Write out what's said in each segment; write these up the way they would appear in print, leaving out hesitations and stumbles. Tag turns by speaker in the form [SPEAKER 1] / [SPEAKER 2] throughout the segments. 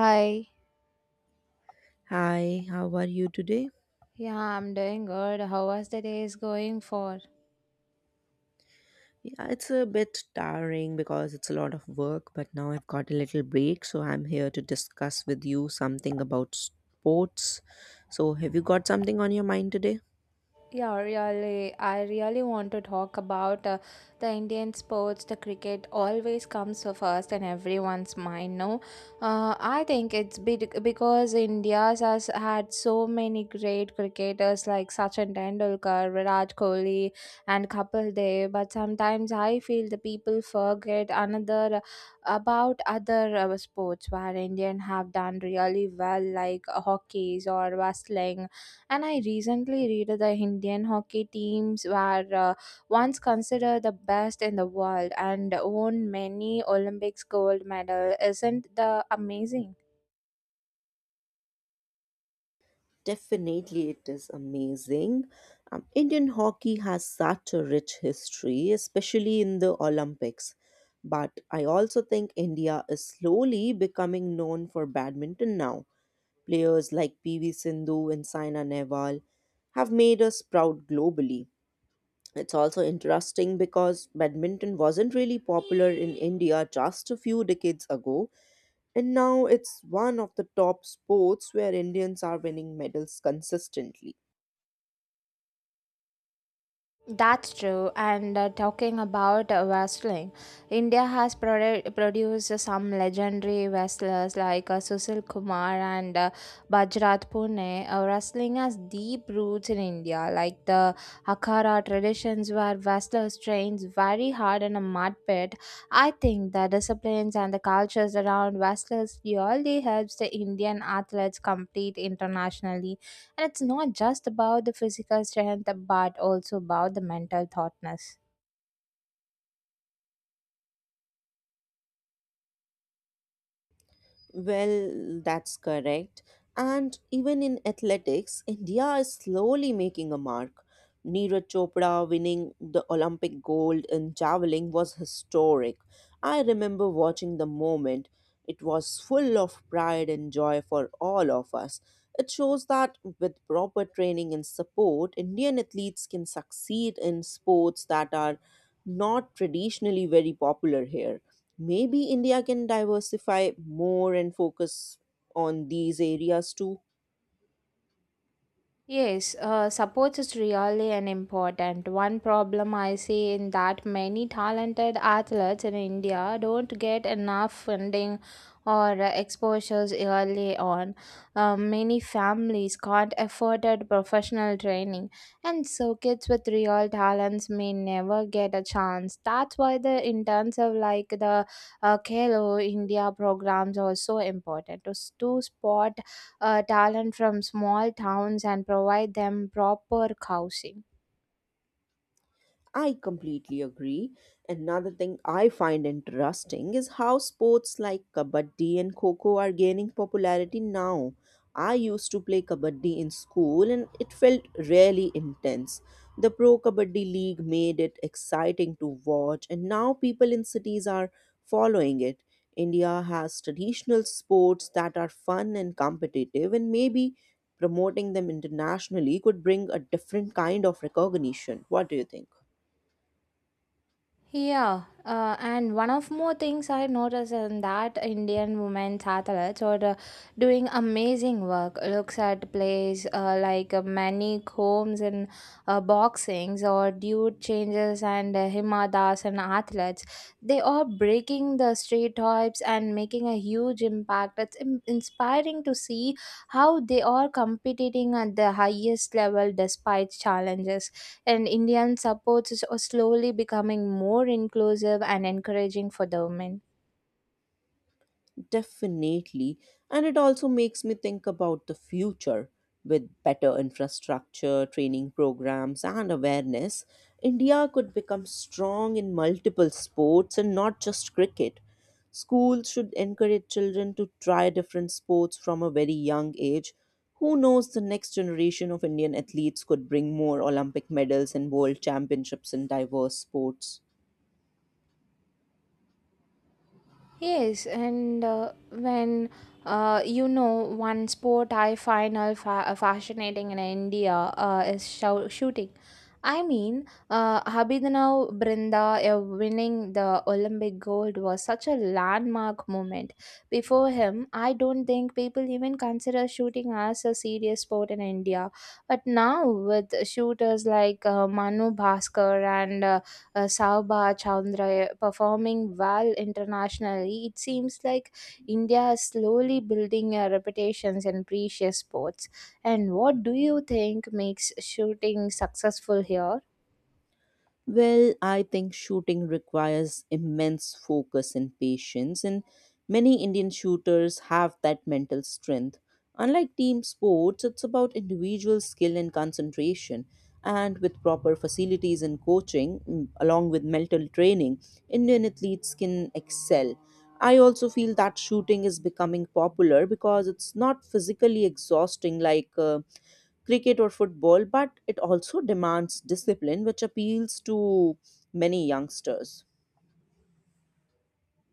[SPEAKER 1] Hi.
[SPEAKER 2] Hi, how are you today?
[SPEAKER 1] Yeah, I'm doing good. How was the day is going for?
[SPEAKER 2] Yeah, it's a bit tiring because it's a lot of work, but now I've got a little break, so I'm here to discuss with you something about sports. So, have you got something on your mind today?
[SPEAKER 1] Yeah, really. I really want to talk about the Indian sports. The cricket always comes first in everyone's mind. No, I think it's because India has had so many great cricketers like Sachin Tendulkar, Virat Kohli, and Kapil Dev. But sometimes I feel the people forget another about other sports where Indian have done really well, like hockeys or wrestling. And I recently read the indian hockey teams were once considered the best in the world and won many olympics gold medal. Isn't the amazing?
[SPEAKER 2] Definitely, it is amazing. Indian hockey has such a rich history, especially in the Olympics. But I also think India is slowly becoming known for badminton now. Players like PV Sindhu and Saina Nehwal have made us proud globally. It's also interesting because badminton wasn't really popular in India just a few decades ago, and now it's one of the top sports where Indians are winning medals consistently.
[SPEAKER 1] That's true. And talking about wrestling, India has produced some legendary wrestlers like Susil Kumar and Bajrat Pune. Wrestling has deep roots in India, like the Akhara traditions where wrestlers trained very hard in a mud pit. I think the disciplines and the cultures around wrestlers really helps the Indian athletes compete internationally, and it's not just about the physical strength but also about the mental thoughtness.
[SPEAKER 2] Well, that's correct. And even in athletics, India is slowly making a mark. Neeraj Chopra winning the Olympic gold in javelin was historic. I remember watching the moment. It was full of pride and joy for all of us. It shows that with proper training and support, Indian athletes can succeed in sports that are not traditionally very popular here. Maybe India can diversify more and focus on these areas too.
[SPEAKER 1] Yes, Support is really an important one problem I see in that many talented athletes in India don't get enough funding or exposures early on. Many families can't afford a professional training, and so kids with real talents may never get a chance. That's why the intensive like the Khelo India programs are so important to, spot talent from small towns and provide them proper housing.
[SPEAKER 2] I completely agree. Another thing I find interesting is how sports like kabaddi and kho are gaining popularity now. I used to play kabaddi in school and it felt really intense. The Pro Kabaddi League made it exciting to watch, and now people in cities are following it. India has traditional sports that are fun and competitive, and maybe promoting them internationally could bring a different kind of recognition. What do you think?
[SPEAKER 1] Yeah, and one of more things I noticed in that Indian women athletes are doing amazing work. Looks at plays like Manny Combs in boxings or Dude Changes and Hima Das and athletes. They are breaking the stereotypes and making a huge impact. It's inspiring to see how they are competing at the highest level despite challenges, and Indian supports is slowly becoming more inclusive and encouraging for the women.
[SPEAKER 2] Definitely. And it also makes me think about the future. With better infrastructure, training programs, and awareness, India could become strong in multiple sports and not just cricket. Schools should encourage children to try different sports from a very young age. Who knows, the next generation of Indian athletes could bring more Olympic medals and world championships in diverse sports.
[SPEAKER 1] Yes, and when you know one sport I find all fascinating in India is shooting. I mean, Habibinav Brinda winning the Olympic gold was such a landmark moment. Before him, I don't think people even consider shooting as a serious sport in India. But now, with shooters like Manu Bhaskar and Sauba Chandra performing well internationally, it seems like India is slowly building a reputations in precious sports. And what do you think makes shooting successful here?
[SPEAKER 2] Well, I think shooting requires immense focus and patience, and many Indian shooters have that mental strength. Unlike team sports, it's about individual skill and concentration. And with proper facilities and coaching, along with mental training, Indian athletes can excel. I also feel that shooting is becoming popular because it's not physically exhausting like cricket or football, but it also demands discipline, which appeals to many youngsters.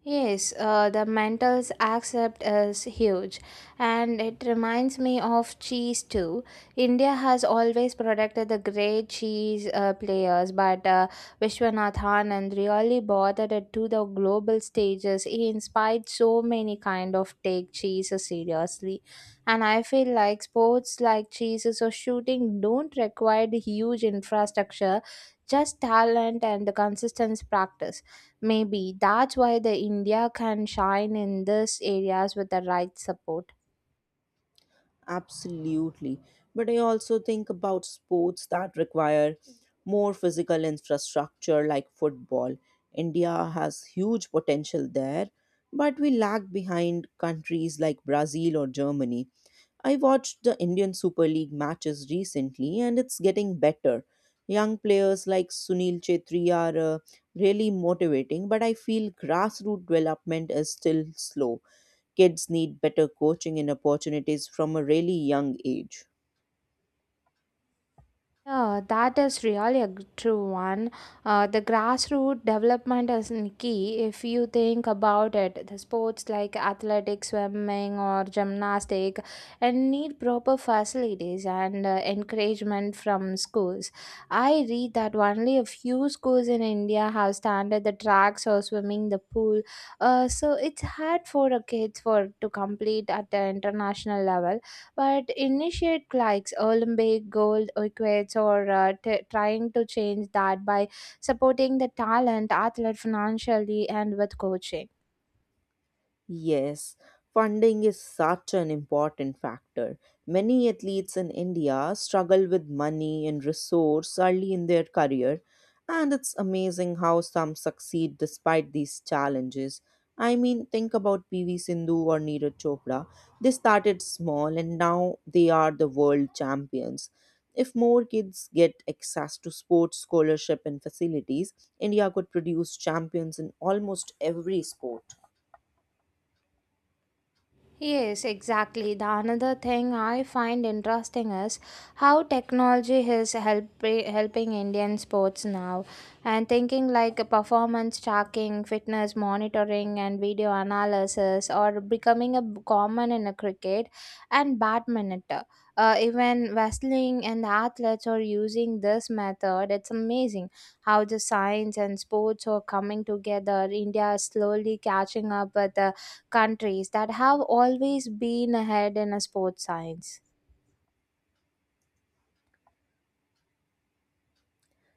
[SPEAKER 1] Yes, the mantles accept is huge, and it reminds me of cheese too. India has always protected the great cheese players, but Vishwanath Anand really bothered it to the global stages. He inspired so many kind of take cheese seriously, and I feel like sports like cheese or shooting don't require the huge infrastructure, just talent and the consistent practice. Maybe that's why the India can shine in these areas with the right support.
[SPEAKER 2] Absolutely. But I also think about sports that require more physical infrastructure, like football. India has huge potential there, but we lag behind countries like Brazil or Germany. I watched the Indian Super League matches recently and it's getting better. Young players like Sunil Chetri are really motivating, but I feel grassroots development is still slow. Kids need better coaching and opportunities from a really young age.
[SPEAKER 1] Yeah, that is really a true one. The grassroots development is in key if you think about it. The sports like athletics, swimming, or gymnastic, and need proper facilities and encouragement from schools. I read that only a few schools in India have standard the tracks or swimming the pool. So it's hard for the kids for to complete at the international level, but initiate likes Olympic gold equates or trying to change that by supporting the talent athlete financially and with coaching.
[SPEAKER 2] Yes, funding is such an important factor. Many athletes in India struggle with money and resource early in their career, and it's amazing how some succeed despite these challenges. I mean, think about PV Sindhu or Neeraj Chopra. They started small and now they are the world champions. If more kids get access to sports scholarship and facilities, India could produce champions in almost every sport.
[SPEAKER 1] Yes, exactly. The another thing I find interesting is how technology is helping Indian sports now. And thinking like performance tracking, fitness monitoring, and video analysis are becoming a common in a cricket and badminton. Even wrestling and athletes are using this method. It's amazing how the science and sports are coming together. India is slowly catching up with the countries that have always been ahead in a sports science.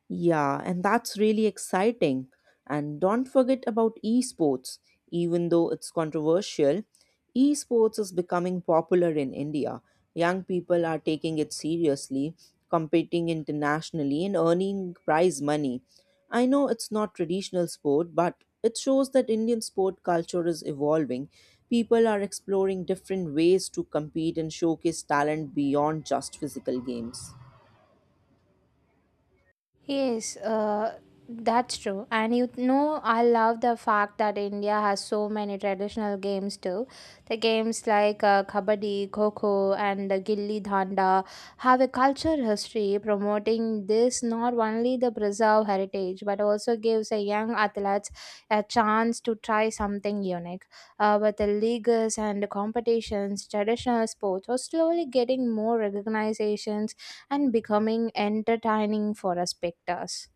[SPEAKER 2] Yeah, and that's really exciting. And don't forget about esports. Even though it's controversial, esports is becoming popular in India. Young people are taking it seriously, competing internationally, and earning prize money. I know it's not traditional sport, but it shows that Indian sport culture is evolving. People are exploring different ways to compete and showcase talent beyond just physical games.
[SPEAKER 1] Yes, that's true. And you know, I love the fact that India has so many traditional games too. The games like Kabaddi, Kho kho, and the Gilli Danda have a culture history promoting this not only the preserve heritage but also gives a young athletes a chance to try something unique. But the leagues and competitions, traditional sports are slowly getting more recognition and becoming entertaining for us spectators.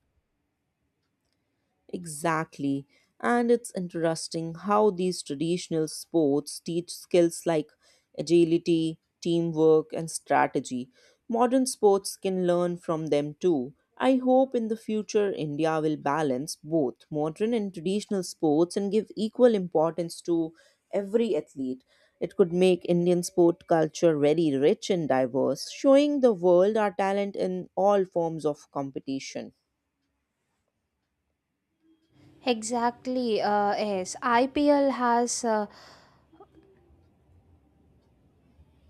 [SPEAKER 2] Exactly. And it's interesting how these traditional sports teach skills like agility, teamwork, and strategy. Modern sports can learn from them too. I hope in the future India will balance both modern and traditional sports and give equal importance to every athlete. It could make Indian sport culture very rich and diverse, showing the world our talent in all forms of competition.
[SPEAKER 1] Exactly. Yes, IPL has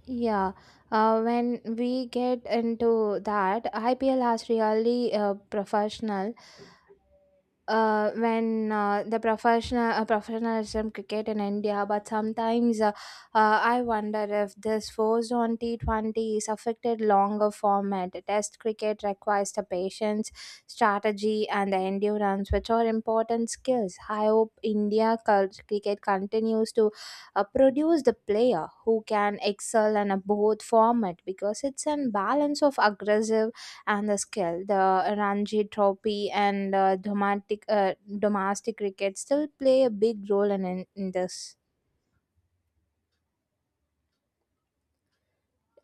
[SPEAKER 1] yeah. When we get into that, IPL has really professional when the professional professionalism cricket in India, but sometimes I wonder if this forced on T20 is affected longer format. Test cricket requires the patience, strategy, and the endurance, which are important skills. I hope India cricket continues to produce the player who can excel in a both format, because it's a balance of aggressive and the skill. The Ranji Trophy and domestic cricket still play a big role in this.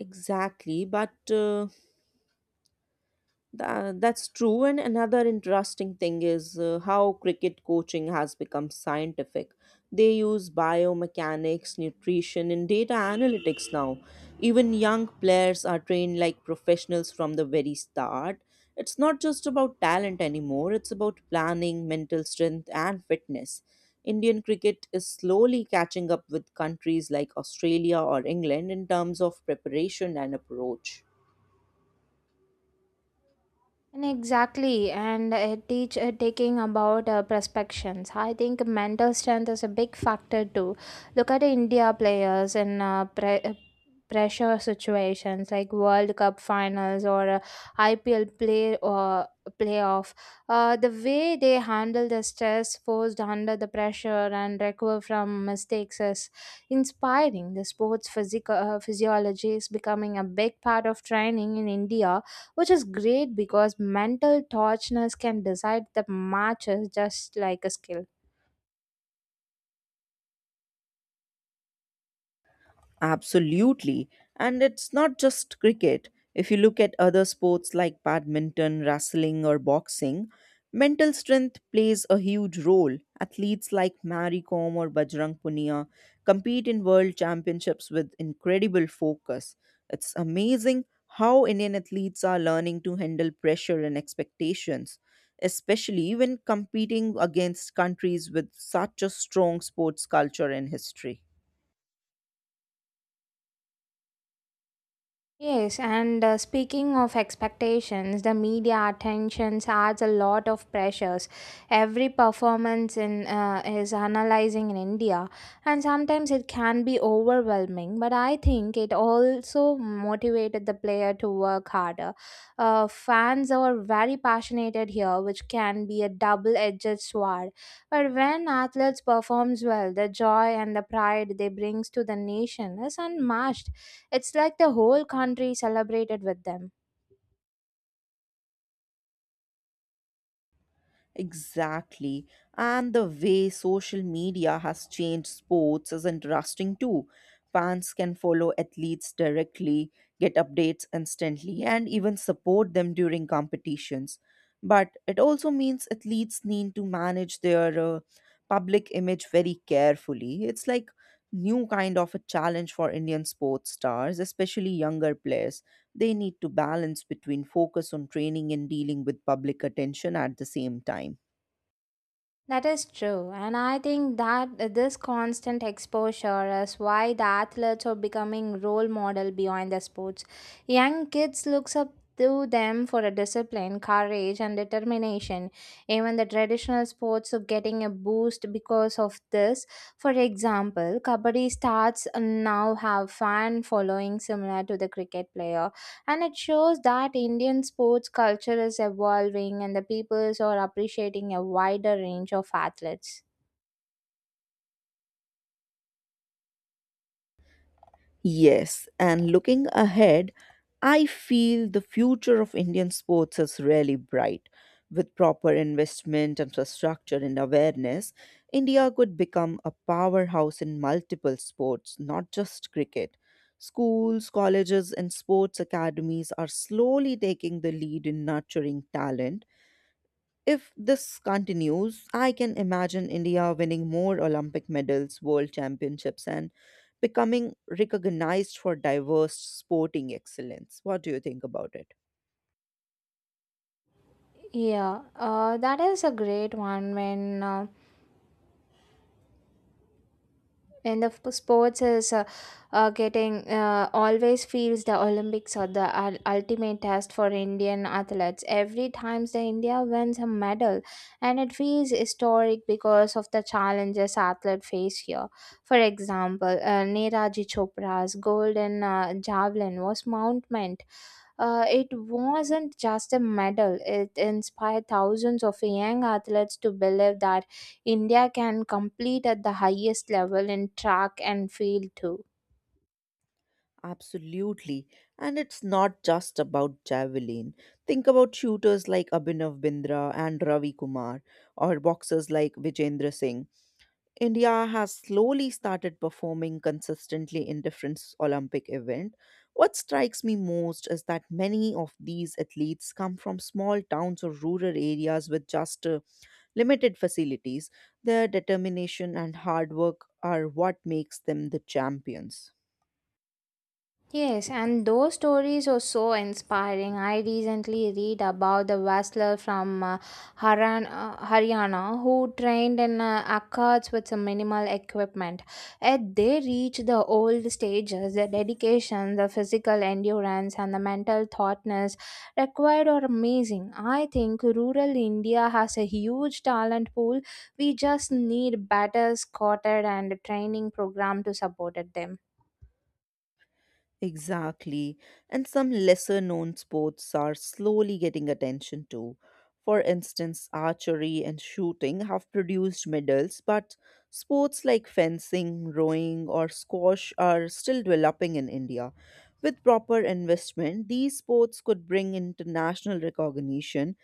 [SPEAKER 2] Exactly, that's true. And another interesting thing is how cricket coaching has become scientific. They use biomechanics, nutrition, and data analytics now. Even young players are trained like professionals from the very start. It's not just about talent anymore, it's about planning, mental strength, and fitness. Indian cricket is slowly catching up with countries like Australia or England in terms of preparation and approach.
[SPEAKER 1] And exactly, and teach taking about perspectives. I think mental strength is a big factor too. Look at India players in pressure situations like World Cup finals or IPL play or playoff. The way they handle the stress posed under the pressure and recover from mistakes is inspiring. The sports physical physiology is becoming a big part of training in India, which is great because mental tortureness can decide the matches just like a skill.
[SPEAKER 2] Absolutely. And it's not just cricket. If you look at other sports like badminton, wrestling, or boxing, mental strength plays a huge role. Athletes like Mary Kom or Bajrang Punia compete in world championships with incredible focus. It's amazing how Indian athletes are learning to handle pressure and expectations, especially when competing against countries with such a strong sports culture and history.
[SPEAKER 1] Yes, and speaking of expectations, the media attentions adds a lot of pressures. Every performance in is analyzing in India, and sometimes it can be overwhelming. But I think it also motivated the player to work harder. Fans are very passionate here, which can be a double-edged sword. But when athletes performs well, the joy and the pride they brings to the nation is unmatched. It's like the whole country celebrated with them.
[SPEAKER 2] Exactly. And the way social media has changed sports is interesting too. Fans can follow athletes directly, get updates instantly, and even support them during competitions. But it also means athletes need to manage their public image very carefully. It's like new kind of a challenge for Indian sports stars, especially younger players. They need to balance between focus on training and dealing with public attention at the same time.
[SPEAKER 1] That is true, and I think that this constant exposure is why the athletes are becoming role model beyond the sports. Young kids looks up to them for a discipline, courage, and determination. Even the traditional sports are getting a boost because of this. For example, kabaddi starts now have fan following similar to the cricket player. And it shows that Indian sports culture is evolving and the peoples are appreciating a wider range of athletes.
[SPEAKER 2] Yes, and looking ahead, I feel the future of Indian sports is really bright. With proper investment, infrastructure, and awareness, India could become a powerhouse in multiple sports, not just cricket. Schools, colleges, and sports academies are slowly taking the lead in nurturing talent. If this continues, I can imagine India winning more Olympic medals, world championships, and becoming recognized for diverse sporting excellence. What do you think about it?
[SPEAKER 1] Yeah, that is a great one when and the sports is getting always feels the olympics are the ultimate test for indian athletes. Every times the india wins a medal and it feels historic because of the challenges athletes face here. For example, neeraji chopra's gold in javelin was mounted. Uh, it wasn't just a medal, it inspired thousands of young athletes to believe that India can compete at the highest level in track and field too.
[SPEAKER 2] Absolutely. And it's not just about javelin. Think about shooters like Abhinav Bindra and Ravi Kumar, or boxers like Vijendra Singh. India has slowly started performing consistently in different Olympic events. What strikes me most is that many of these athletes come from small towns or rural areas with just limited facilities. Their determination and hard work are what makes them the champions.
[SPEAKER 1] Yes, and those stories are so inspiring. I recently read about the wrestler from Haryana who trained in arcades with some minimal equipment. Yet they reached the old stages. The dedication, the physical endurance, and the mental thoughtness required are amazing. I think rural India has a huge talent pool. We just need better scouted and training program to support them.
[SPEAKER 2] Exactly. And some lesser known sports are slowly getting attention too. For instance, archery and shooting have produced medals, but sports like fencing, rowing, or squash are still developing in India. With proper investment, these sports could bring international recognition.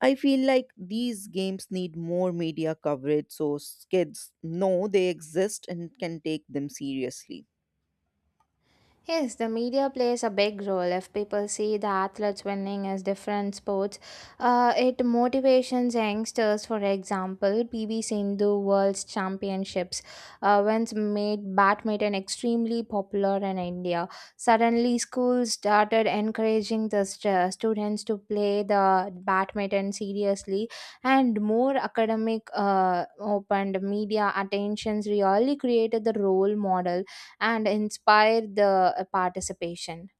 [SPEAKER 2] I feel like these games need more media coverage so kids know they exist and can take them seriously.
[SPEAKER 1] Yes, the media plays a big role. If people see the athletes winning as different sports, it motivations youngsters. For example, P. V. Sindhu World Championships once made badminton extremely popular in India. Suddenly, schools started encouraging the students to play the badminton seriously, and more academic opened media attentions really created the role model and inspire the participation.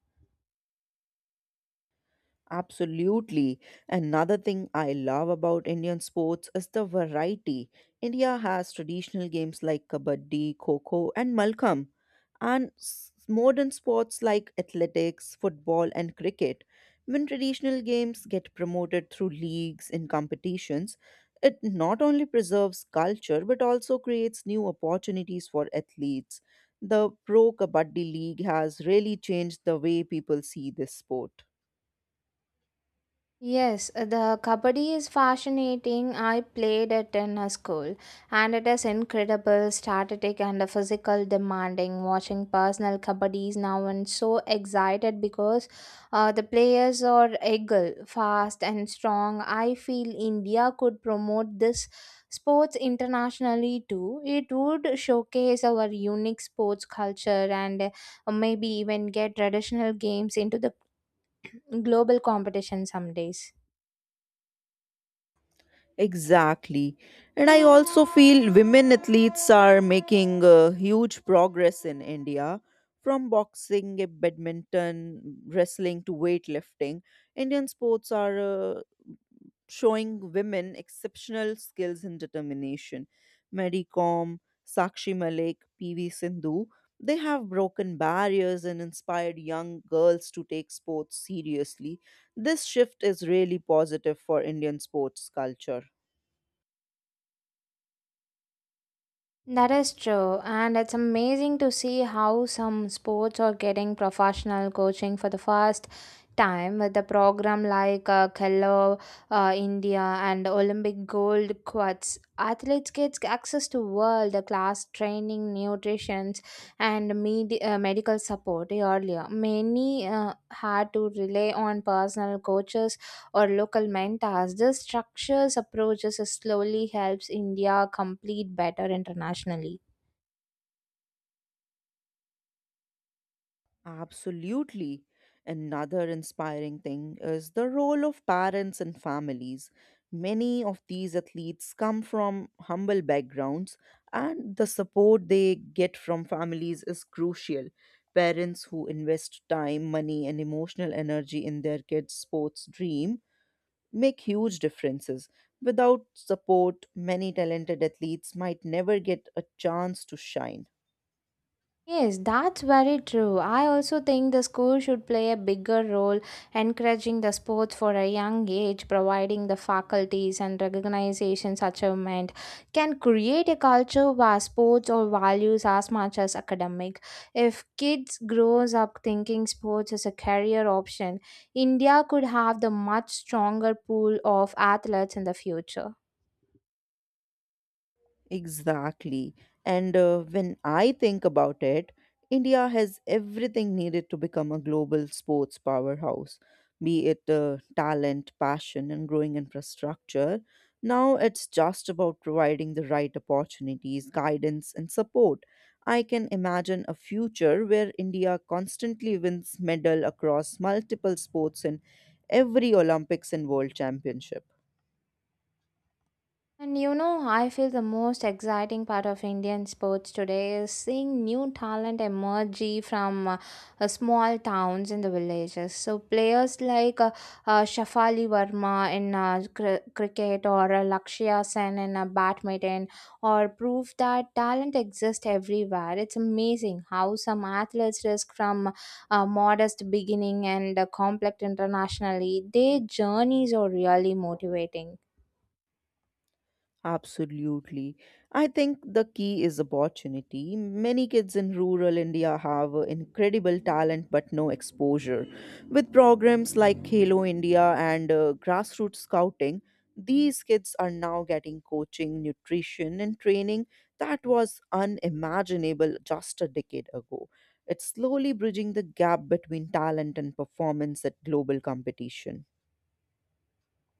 [SPEAKER 2] Absolutely. Another thing I love about Indian sports is the variety. India has traditional games like Kabaddi, Kho kho, and Malkam, and modern sports like athletics, football, and cricket. When traditional games get promoted through leagues and competitions, it not only preserves culture but also creates new opportunities for athletes. The Pro Kabaddi League has really changed the way people see this sport.
[SPEAKER 1] Yes, the kabaddi is fascinating. I played it in a school and it is incredible, static and a physical demanding. Watching personal kabaddis now and so excited because the players are eagle, fast and strong. I feel India could promote this sports internationally too. It would showcase our unique sports culture and maybe even get traditional games into the global competition some days.
[SPEAKER 2] Exactly. And I also feel women athletes are making huge progress in India. From boxing, badminton, wrestling to weightlifting, Indian sports are showing women exceptional skills and determination. Mary Kom, Sakshi Malik, PV Sindhu, they have broken barriers and inspired young girls to take sports seriously. This shift is really positive for Indian sports culture.
[SPEAKER 1] That is true, and it's amazing to see how some sports are getting professional coaching for the first time with the program like Khelo India and Olympic gold quads. Athletes get access to world class training, nutrition, and medical support earlier. Many had to rely on personal coaches or local mentors. This structures approaches slowly helps India complete better internationally.
[SPEAKER 2] Absolutely. Another inspiring thing is the role of parents and families. Many of these athletes come from humble backgrounds, and the support they get from families is crucial. Parents who invest time, money, and emotional energy in their kids' sports dream make huge differences. Without support, many talented athletes might never get a chance to shine.
[SPEAKER 1] Yes, that's very true. I also think the school should play a bigger role encouraging the sports for a young age. Providing the faculties and recognizations achievement can create a culture where sports or values as much as academic. If kids grows up thinking sports is a career option, India could have the much stronger pool of athletes in the future.
[SPEAKER 2] Exactly. And when I think about it, India has everything needed to become a global sports powerhouse, be it talent, passion, and growing infrastructure. Now it's just about providing the right opportunities, guidance, and support. I can imagine a future where India constantly wins medal across multiple sports in every Olympics and World Championship.
[SPEAKER 1] And you know, I feel the most exciting part of Indian sports today is seeing new talent emerge from small towns in the villages. So players like Shafali Verma in cricket or Lakshya Sen in badminton or prove that talent exists everywhere. It's amazing how some athletes risk from modest beginning and complex internationally. Their journeys are really motivating.
[SPEAKER 2] Absolutely. I think the key is opportunity. Many kids in rural India have incredible talent but no exposure. With programs like Halo India and grassroots scouting, these kids are now getting coaching, nutrition, and training that was unimaginable just a decade ago. It's slowly bridging the gap between talent and performance at global competition.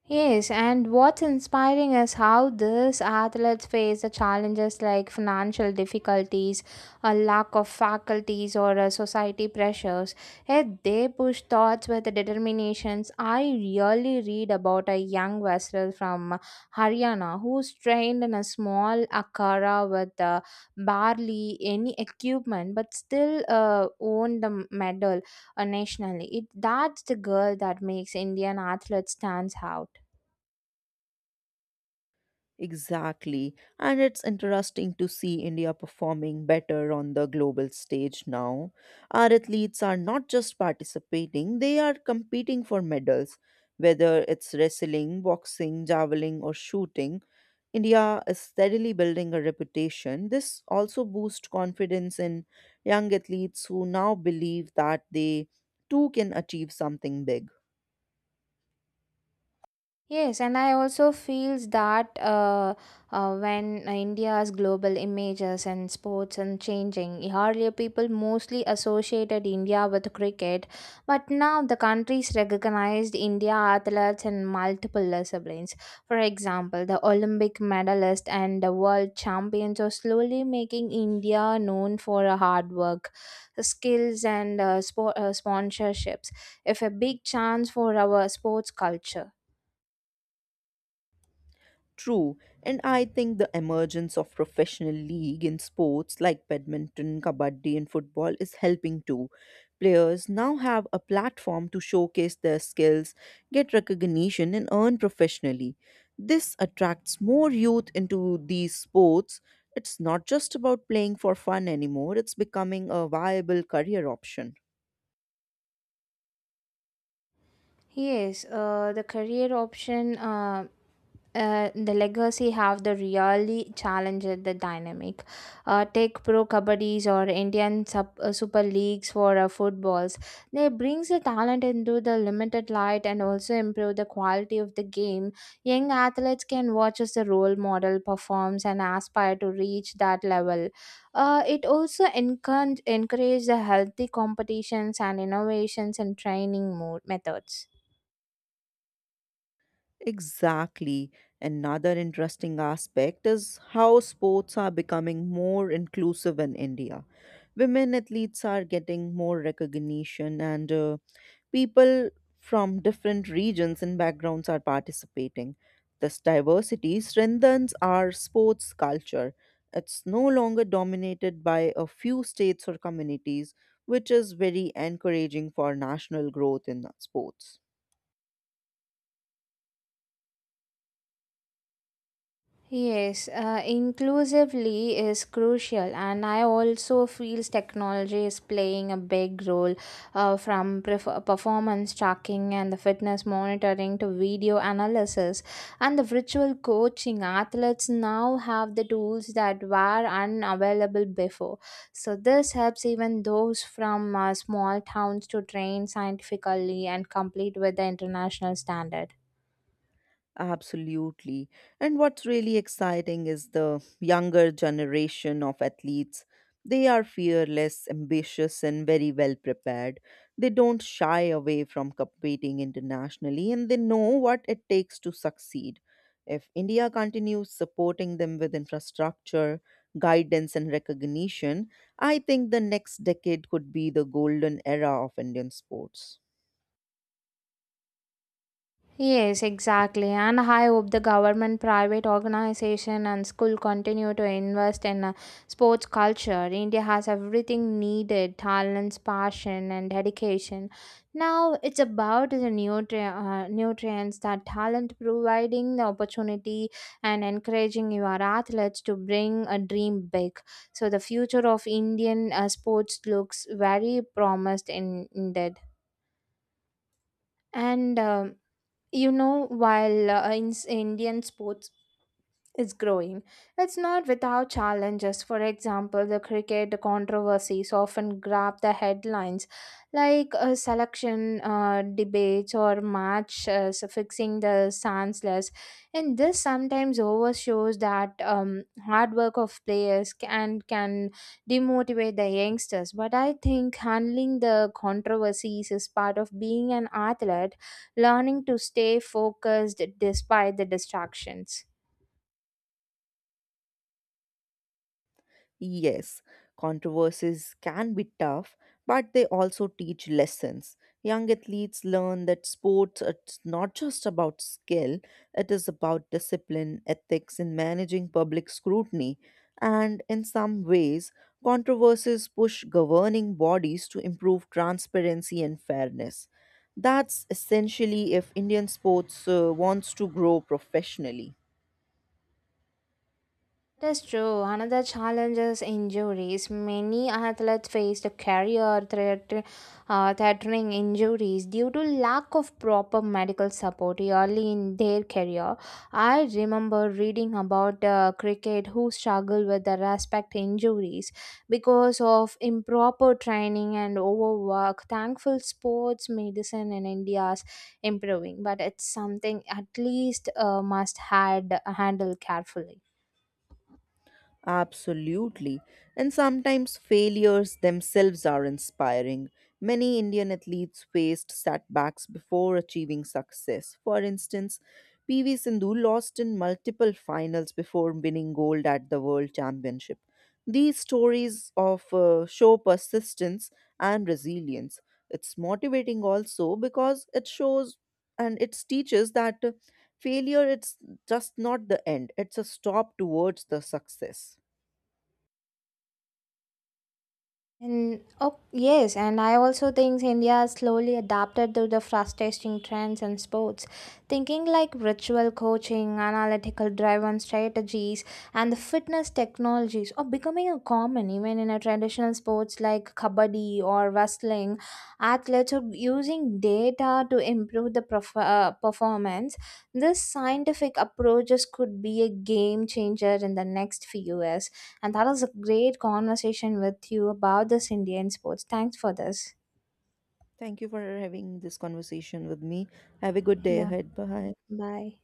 [SPEAKER 1] Yes, and what's inspiring is how these athletes face the challenges like financial difficulties, a lack of faculties, or society pressures. Yet they push thoughts with determinations. I really read about a young wrestler from Haryana who's trained in a small akara with barely any equipment, but still won the medal nationally. It that's the girl that makes Indian athletes stands out.
[SPEAKER 2] Exactly. And it's interesting to see India performing better on the global stage now. Our athletes are not just participating, they are competing for medals. Whether it's wrestling, boxing, javelin, or shooting, India is steadily building a reputation. This also boosts confidence in young athletes who now believe that they too can achieve something big.
[SPEAKER 1] Yes, and I also feels that when India's global images and sports and changing, earlier people mostly associated India with cricket, but now the countries recognized India athletes in multiple disciplines. For example, the Olympic medalist and the world champions are slowly making India known for hard work, skills, and sport sponsorships. If a big chance for our sports culture.
[SPEAKER 2] True, and I think the emergence of professional league in sports like badminton, kabaddi, and football is helping too. Players now have a platform to showcase their skills, get recognition, and earn professionally. This attracts more youth into these sports. It's not just about playing for fun anymore, it's becoming a viable career option.
[SPEAKER 1] Yes, the career option, the legacy have the really challenge at the dynamic. Take pro kabaddis or Indian sub, super leagues for footballs. They brings the talent into the limited light and also improve the quality of the game. Young athletes can watch as the role model performs and aspire to reach that level. It also encourage the healthy competitions and innovations and training mode methods.
[SPEAKER 2] Exactly. Another interesting aspect is how sports are becoming more inclusive in India. Women athletes are getting more recognition, and people from different regions and backgrounds are participating. This diversity strengthens our sports culture. It's no longer dominated by a few states or communities, which is very encouraging for national growth in sports.
[SPEAKER 1] Yes, inclusively is crucial, and I also feels technology is playing a big role, from performance tracking and the fitness monitoring to video analysis and the virtual coaching. Athletes now have the tools that were unavailable before, so this helps even those from small towns to train scientifically and compete with the international standard.
[SPEAKER 2] Absolutely. And what's really exciting is the younger generation of athletes. They are fearless, ambitious, and very well prepared. They don't shy away from competing internationally and they know what it takes to succeed. If India continues supporting them with infrastructure, guidance, and recognition, I think the next decade could be the golden era of Indian sports.
[SPEAKER 1] Yes, exactly. And I hope the government, private organization, and school continue to invest in a sports culture. India has everything needed talents, passion, and dedication. Now it's about the nutrients that talent providing the opportunity and encouraging your athletes to bring a dream big. So the future of Indian sports looks very indeed. And while in indian sports is growing, it's not without challenges. For example, the cricket controversies often grab the headlines like selection debates or match fixing the senseless, and this sometimes overshows that hard work of players and can demotivate the youngsters. But I think handling the controversies is part of being an athlete, learning to stay focused despite the distractions.
[SPEAKER 2] Yes, controversies can be tough, but they also teach lessons. Young athletes learn that sports it's not just about skill, it is about discipline, ethics, and managing public scrutiny. And in some ways, controversies push governing bodies to improve transparency and fairness. That's essentially if Indian sports wants to grow professionally.
[SPEAKER 1] That is true. Another challenge is injuries. Many athletes face a career threatening injuries due to lack of proper medical support early in their career. I remember reading about cricket who struggle with the respect injuries because of improper training and overwork. Thankful sports medicine in India is improving, but it's something at least must had handle carefully.
[SPEAKER 2] Absolutely. And sometimes failures themselves are inspiring. Many Indian athletes faced setbacks before achieving success. For instance, PV Sindhu lost in multiple finals before winning gold at the World Championship. These stories of show persistence and resilience. It's motivating also because it shows and it teaches that failure it's just not the end. It's a stop towards the success.
[SPEAKER 1] And oh yes, and I also think India has slowly adapted to the fast-tasting trends in sports, thinking like ritual coaching, analytical-driven strategies, and the fitness technologies are becoming a common even in a traditional sports like kabaddi or wrestling. Athletes are using data to improve the performance. This scientific approaches could be a game changer in the next few years. And that was a great conversation with you about this Indian sports. Thanks for this.
[SPEAKER 2] Thank you for having this conversation with me. Have a good day
[SPEAKER 1] Yeah.
[SPEAKER 2] ahead. Bye.
[SPEAKER 1] Bye.